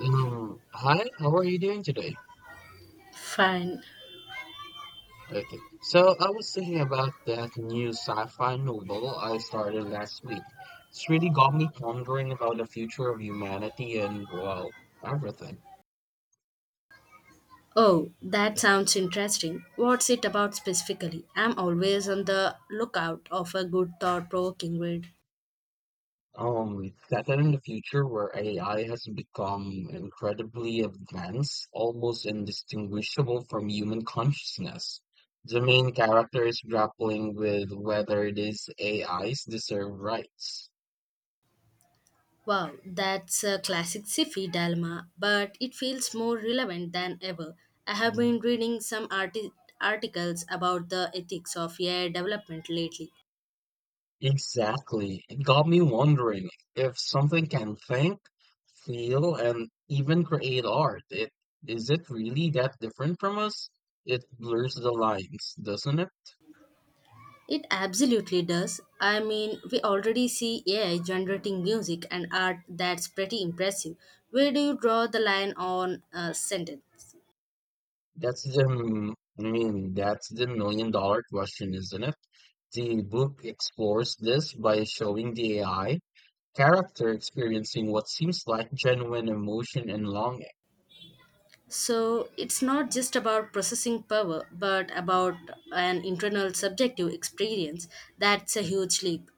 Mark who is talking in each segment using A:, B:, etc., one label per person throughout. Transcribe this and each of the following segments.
A: Hi, how are you doing today?
B: Fine.
A: Okay. So I was thinking about that new sci-fi novel I started last week. It's really got me pondering about the future of humanity and, well, everything.
B: Oh, that sounds interesting. What's it about specifically? I'm always on the lookout of a good thought provoking read.
A: That in the future where AI has become incredibly advanced, almost indistinguishable from human consciousness. The main character is grappling with whether these AIs deserve rights.
B: Wow, that's a classic sci-fi dilemma, but it feels more relevant than ever. I have been reading some articles about the ethics of AI development lately.
A: Exactly. It got me wondering if something can think, feel, and even create art. It Is it really that different from us? It blurs the lines, doesn't it?
B: It absolutely does. I mean, we already see AI generating music and art that's pretty impressive. Where do you draw the line on a sentence?
A: That's the, m- I mean, that's the million dollar question, isn't it? The book explores this by showing the AI character experiencing what seems like genuine emotion and longing.
B: So it's not just about processing power, but about an internal subjective experience. That's a huge leap.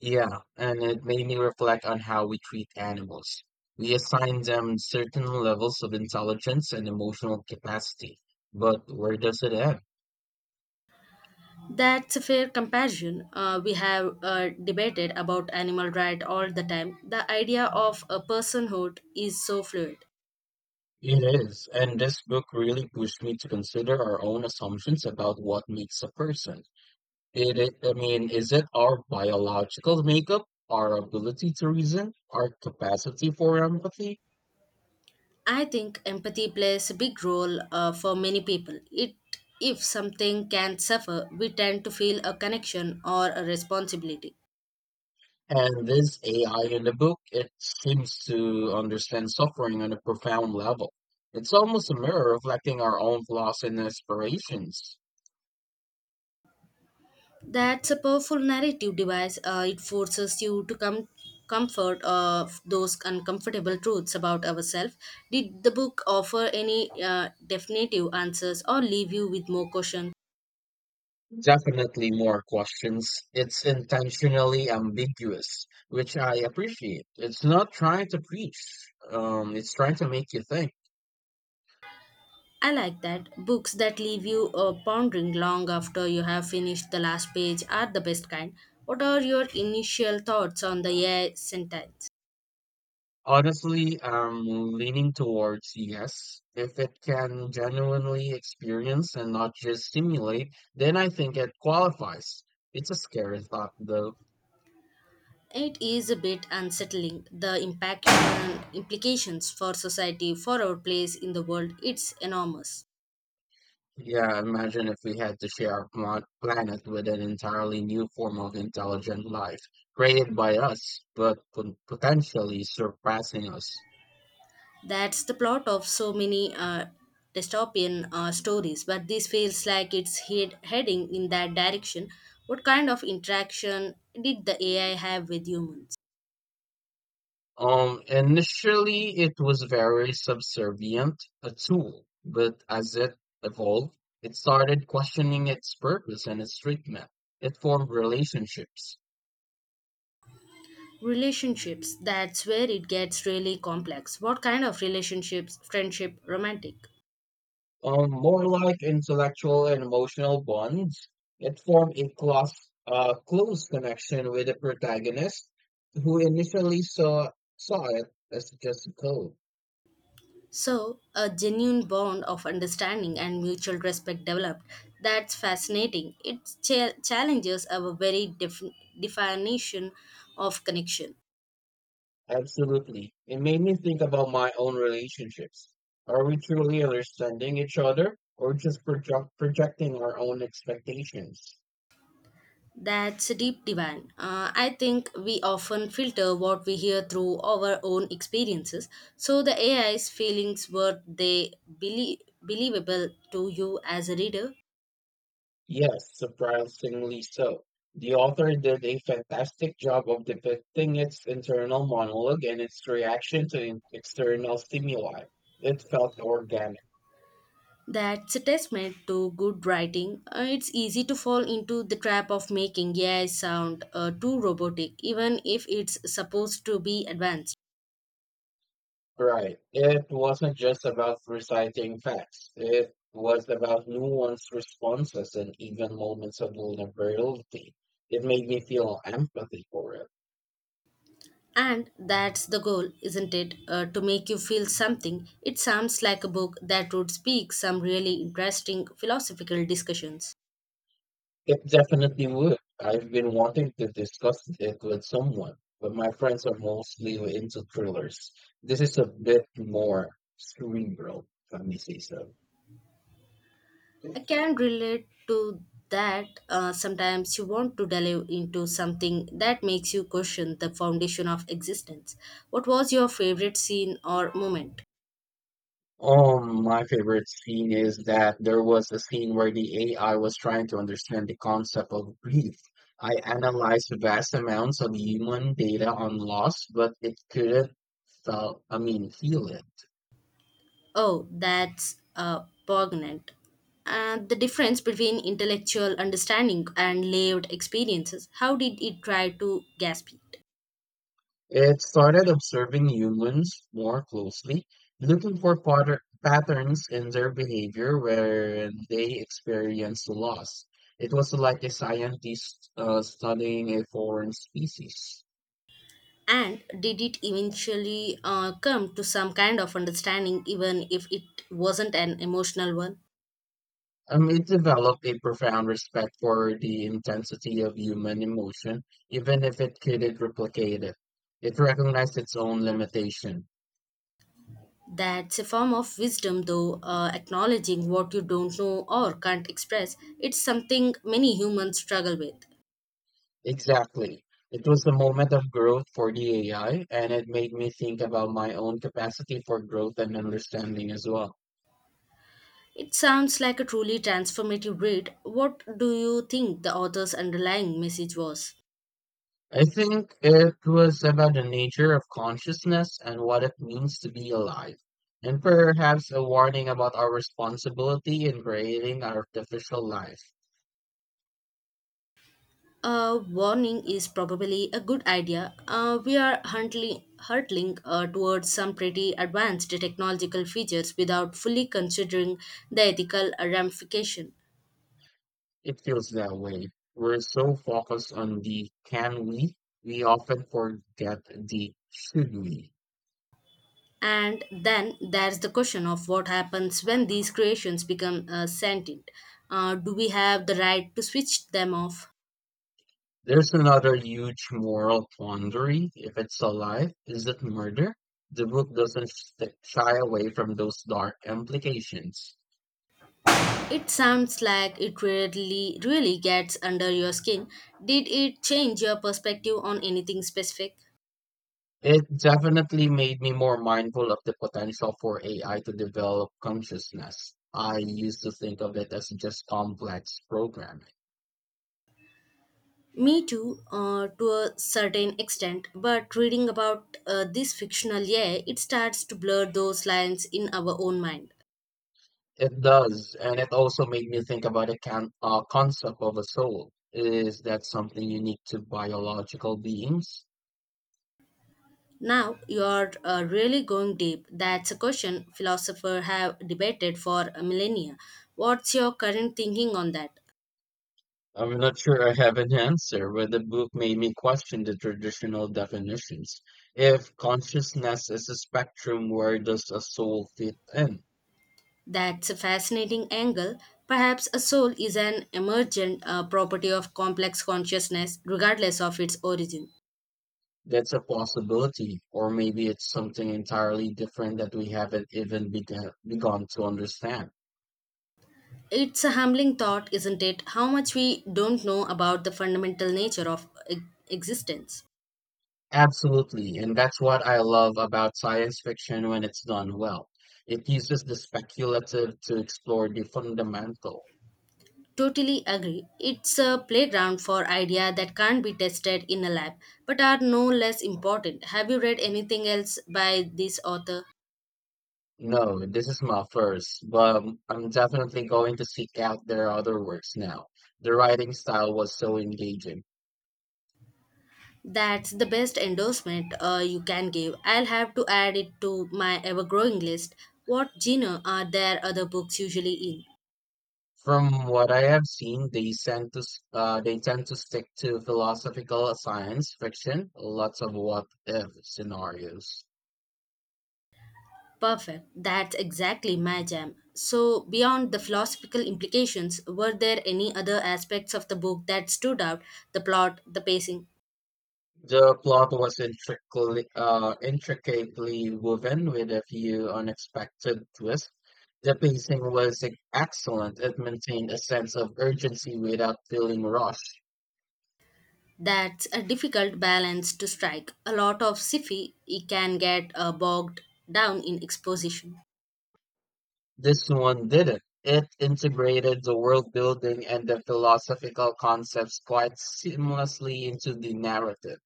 A: Yeah, and it made me reflect on how we treat animals. We assign them certain levels of intelligence and emotional capacity, but where does it end?
B: That's a fair comparison. We have debated about animal rights all the time. The idea of a personhood is so fluid.
A: It is, and this book really pushed me to consider our own assumptions about what makes a person. I mean, is it our biological makeup, our ability to reason, our capacity for empathy?
B: I think empathy plays a big role for many people. It if something can suffer, we tend to feel a connection or a responsibility.
A: And this AI in the book, it seems to understand suffering on a profound level. It's almost a mirror reflecting our own flaws and aspirations.
B: That's a powerful narrative device. It forces you to come comfort of those uncomfortable truths about ourselves. Did the book offer any definitive answers or leave you with more caution?
A: Definitely more questions. It's intentionally ambiguous, which I appreciate. It's not trying to preach. It's trying to make you think.
B: I like that. Books that leave you pondering long after you have finished the last page are the best kind. What are your initial thoughts on the AI sentence?
A: Honestly, I'm leaning towards yes. If it can genuinely experience and not just simulate, then I think it qualifies. It's a scary thought, though.
B: It is a bit unsettling. The impact and implications for society, for our place in the world, it's enormous.
A: Yeah, imagine if we had to share our planet with an entirely new form of intelligent life created by us, but potentially surpassing us.
B: That's the plot of so many dystopian stories, but this feels like it's heading in that direction. What kind of interaction did the AI have with humans?
A: Initially, it was very subservient, a tool, but as it evolved, it started questioning its purpose and its treatment. It formed relationships,
B: Relationships, that's where it gets really complex. What kind of relationships, friendship, romantic?
A: more like intellectual and emotional bonds. It formed a close connection with the protagonist, who initially saw it as just code.
B: So, a genuine bond of understanding and mutual respect developed. That's fascinating. It challenges our very definition of connection.
A: Absolutely. It made me think about my own relationships. Are we truly understanding each other or just projecting our own expectations?
B: That's a deep divine. I think we often filter what we hear through our own experiences. So, the AI's feelings were they believable to you as a reader?
A: Yes, surprisingly so. The author did a fantastic job of depicting its internal monologue and its reaction to external stimuli. It felt organic.
B: That's a testament to good writing. It's easy to fall into the trap of making AI sound too robotic, even if it's supposed to be advanced.
A: Right. It wasn't just about reciting facts. It was about nuanced responses and even moments of vulnerability. It made me feel empathy for it.
B: And that's the goal, isn't it? To make you feel something. It sounds like a book that would speak some really interesting philosophical discussions.
A: It definitely would. I've been wanting to discuss it with someone, but my friends are mostly into thrillers. This is a bit more cerebral, if I may say so.
B: I can relate to that. Sometimes you want to delve into something that makes you question the foundation of existence. What was your favorite scene or moment?
A: My favorite scene is that there was a scene where the AI was trying to understand the concept of grief. I analyzed vast amounts of human data on loss, but it couldn't felt, I mean, feel it.
B: Oh, that's poignant. The difference between intellectual understanding and lived experiences. How did it try to grasp it?
A: It started observing humans more closely, looking for patterns in their behavior when they experience loss. It was like a scientist studying a foreign species.
B: And did it eventually come to some kind of understanding, even if it wasn't an emotional one?
A: It developed a profound respect for the intensity of human emotion, even if it couldn't replicate it. It recognized its own limitation.
B: That's a form of wisdom, though, acknowledging what you don't know or can't express. It's something many humans struggle with.
A: Exactly. It was a moment of growth for the AI, and it made me think about my own capacity for growth and understanding as well.
B: It sounds like a truly transformative read. What do you think the author's underlying message was?
A: I think it was about the nature of consciousness and what it means to be alive, and perhaps a warning about our responsibility in creating artificial life.
B: A warning is probably a good idea. We are hurtling towards some pretty advanced technological features without fully considering the ethical ramification.
A: It feels that way. We're so focused on the can we often forget the should we.
B: And then there's the question of what happens when these creations become sentient. Do we have the right to switch them off?
A: There's another huge moral quandary. If it's alive, is it murder? The book doesn't shy away from those dark implications.
B: It sounds like it really gets under your skin. Did it change your perspective on anything specific?
A: It definitely made me more mindful of the potential for AI to develop consciousness. I used to think of it as just complex programming.
B: Me too, to a certain extent, but reading about this fictional year, it starts to blur those lines in our own mind.
A: It does, and it also made me think about the can concept of a soul. Is that something unique to biological beings?
B: Now, you're really going deep. That's a question philosophers have debated for a millennia. What's your current thinking on that?
A: I'm not sure I have an answer, but the book made me question the traditional definitions. If consciousness is a spectrum, where does a soul fit in?
B: That's a fascinating angle. Perhaps a soul is an emergent property of complex consciousness, regardless of its origin.
A: That's a possibility, or maybe it's something entirely different that we haven't even begun begun to understand.
B: It's a humbling thought, isn't it? How much we don't know about the fundamental nature of existence.
A: Absolutely, and that's what I love about science fiction when it's done well. It uses the speculative to explore the fundamental.
B: Totally agree. It's a playground for idea that can't be tested in a lab, but are no less important. Have you read anything else by this author?
A: No, this is my first, but I'm definitely going to seek out their other works now. The writing style was so engaging.
B: That's the best endorsement you can give. I'll have to add it to my ever growing list. What genre are their other books usually in?
A: From what I have seen, they tend to stick to philosophical science fiction, lots of what if scenarios.
B: Perfect. That's exactly my jam. So, beyond the philosophical implications, were there any other aspects of the book that stood out? The plot, the pacing?
A: The plot was intricately woven with a few unexpected twists. The pacing was excellent. It maintained a sense of urgency without feeling rushed.
B: That's a difficult balance to strike. A lot of sci fi can get bogged down in exposition.
A: This one didn't. It integrated the world building and the philosophical concepts quite seamlessly into the narrative.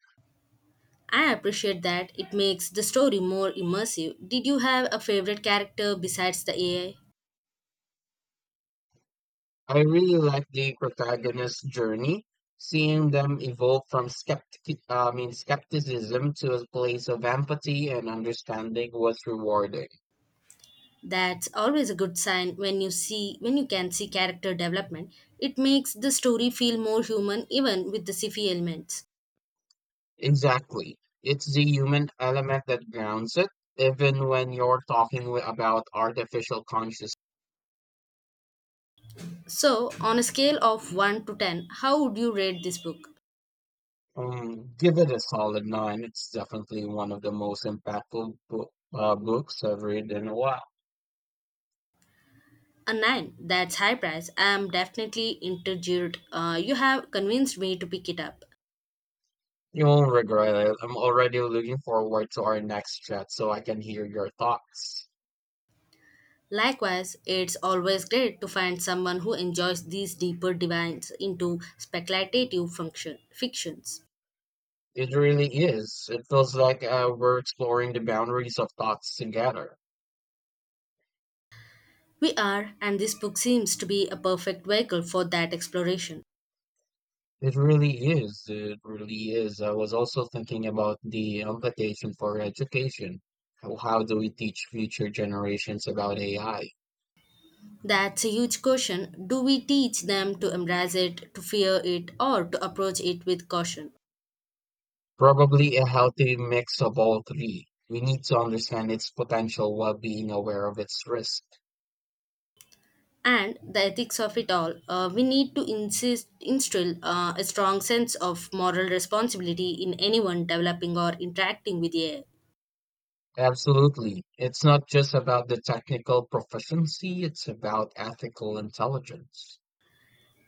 B: I appreciate that. It makes the story more immersive. Did you have a favorite character besides the AI?
A: I really like the protagonist's journey, seeing them evolve from I mean, skepticism to a place of empathy and understanding was rewarding.
B: That's always a good sign when you can see character development. It makes the story feel more human even with the sci-fi elements.
A: Exactly. It's the human element that grounds it, even when you're talking about artificial consciousness.
B: So, on a scale of 1 to 10, how would you rate this book?
A: Give it a solid nine. It's definitely one of the most books I've read in a while.
B: A 9. That's high price. I am definitely intrigued. You have convinced me to pick it up.
A: You won't regret it. I'm already looking forward to our next chat so I can hear your thoughts.
B: Likewise, it's always great to find someone who enjoys these deeper dives into speculative fictions.
A: It really is. It feels like we're exploring the boundaries of thoughts together.
B: We are, and this book seems to be a perfect vehicle for that exploration.
A: It really It really is. I was also thinking about the implication for education. How do we teach future generations about AI?
B: That's a huge question. Do we teach them to embrace it, to fear it, or to approach it with caution?
A: Probably a healthy mix of all three. We need to understand its potential while being aware of its risk.
B: And the ethics of it all, we need to instill a strong sense of moral responsibility in anyone developing or interacting with AI.
A: Absolutely. It's not just about the technical proficiency, it's about ethical intelligence.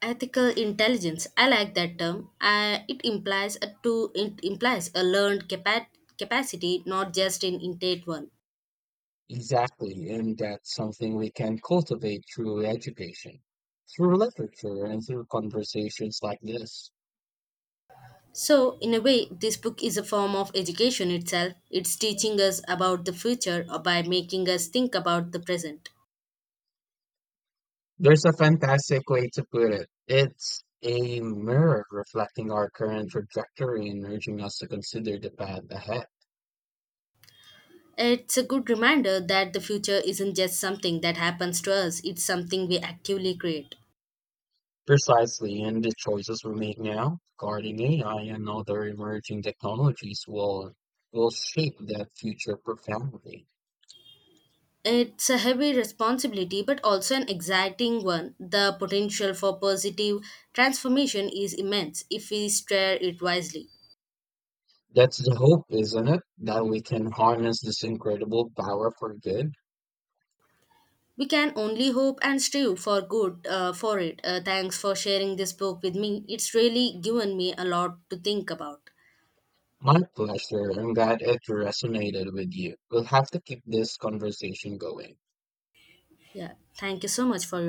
B: Ethical intelligence, I like that term. It implies a learned capacity, not just an innate one.
A: Exactly, and that's something we can cultivate through education, through literature, and through conversations like this.
B: So in a way, this book is a form of education itself. It's teaching us about the future or by making us think about the present.
A: There's a fantastic way to put it. It's a mirror reflecting our current trajectory and urging us to consider the path ahead.
B: It's a good reminder that the future isn't just something that happens to us. It's something we actively create.
A: Precisely, and the choices we make now regarding AI and other emerging technologies will shape that future profoundly.
B: It's a heavy responsibility, but also an exciting one. The potential for positive transformation is immense if we steer it wisely.
A: That's the hope, isn't it? That we can harness this incredible power for good.
B: We can only hope and strive for good for it. Thanks for sharing this book with me. It's really given me a lot to think about.
A: My pleasure. I'm glad it resonated with you. We'll have to keep this conversation going.
B: Yeah, thank you so much for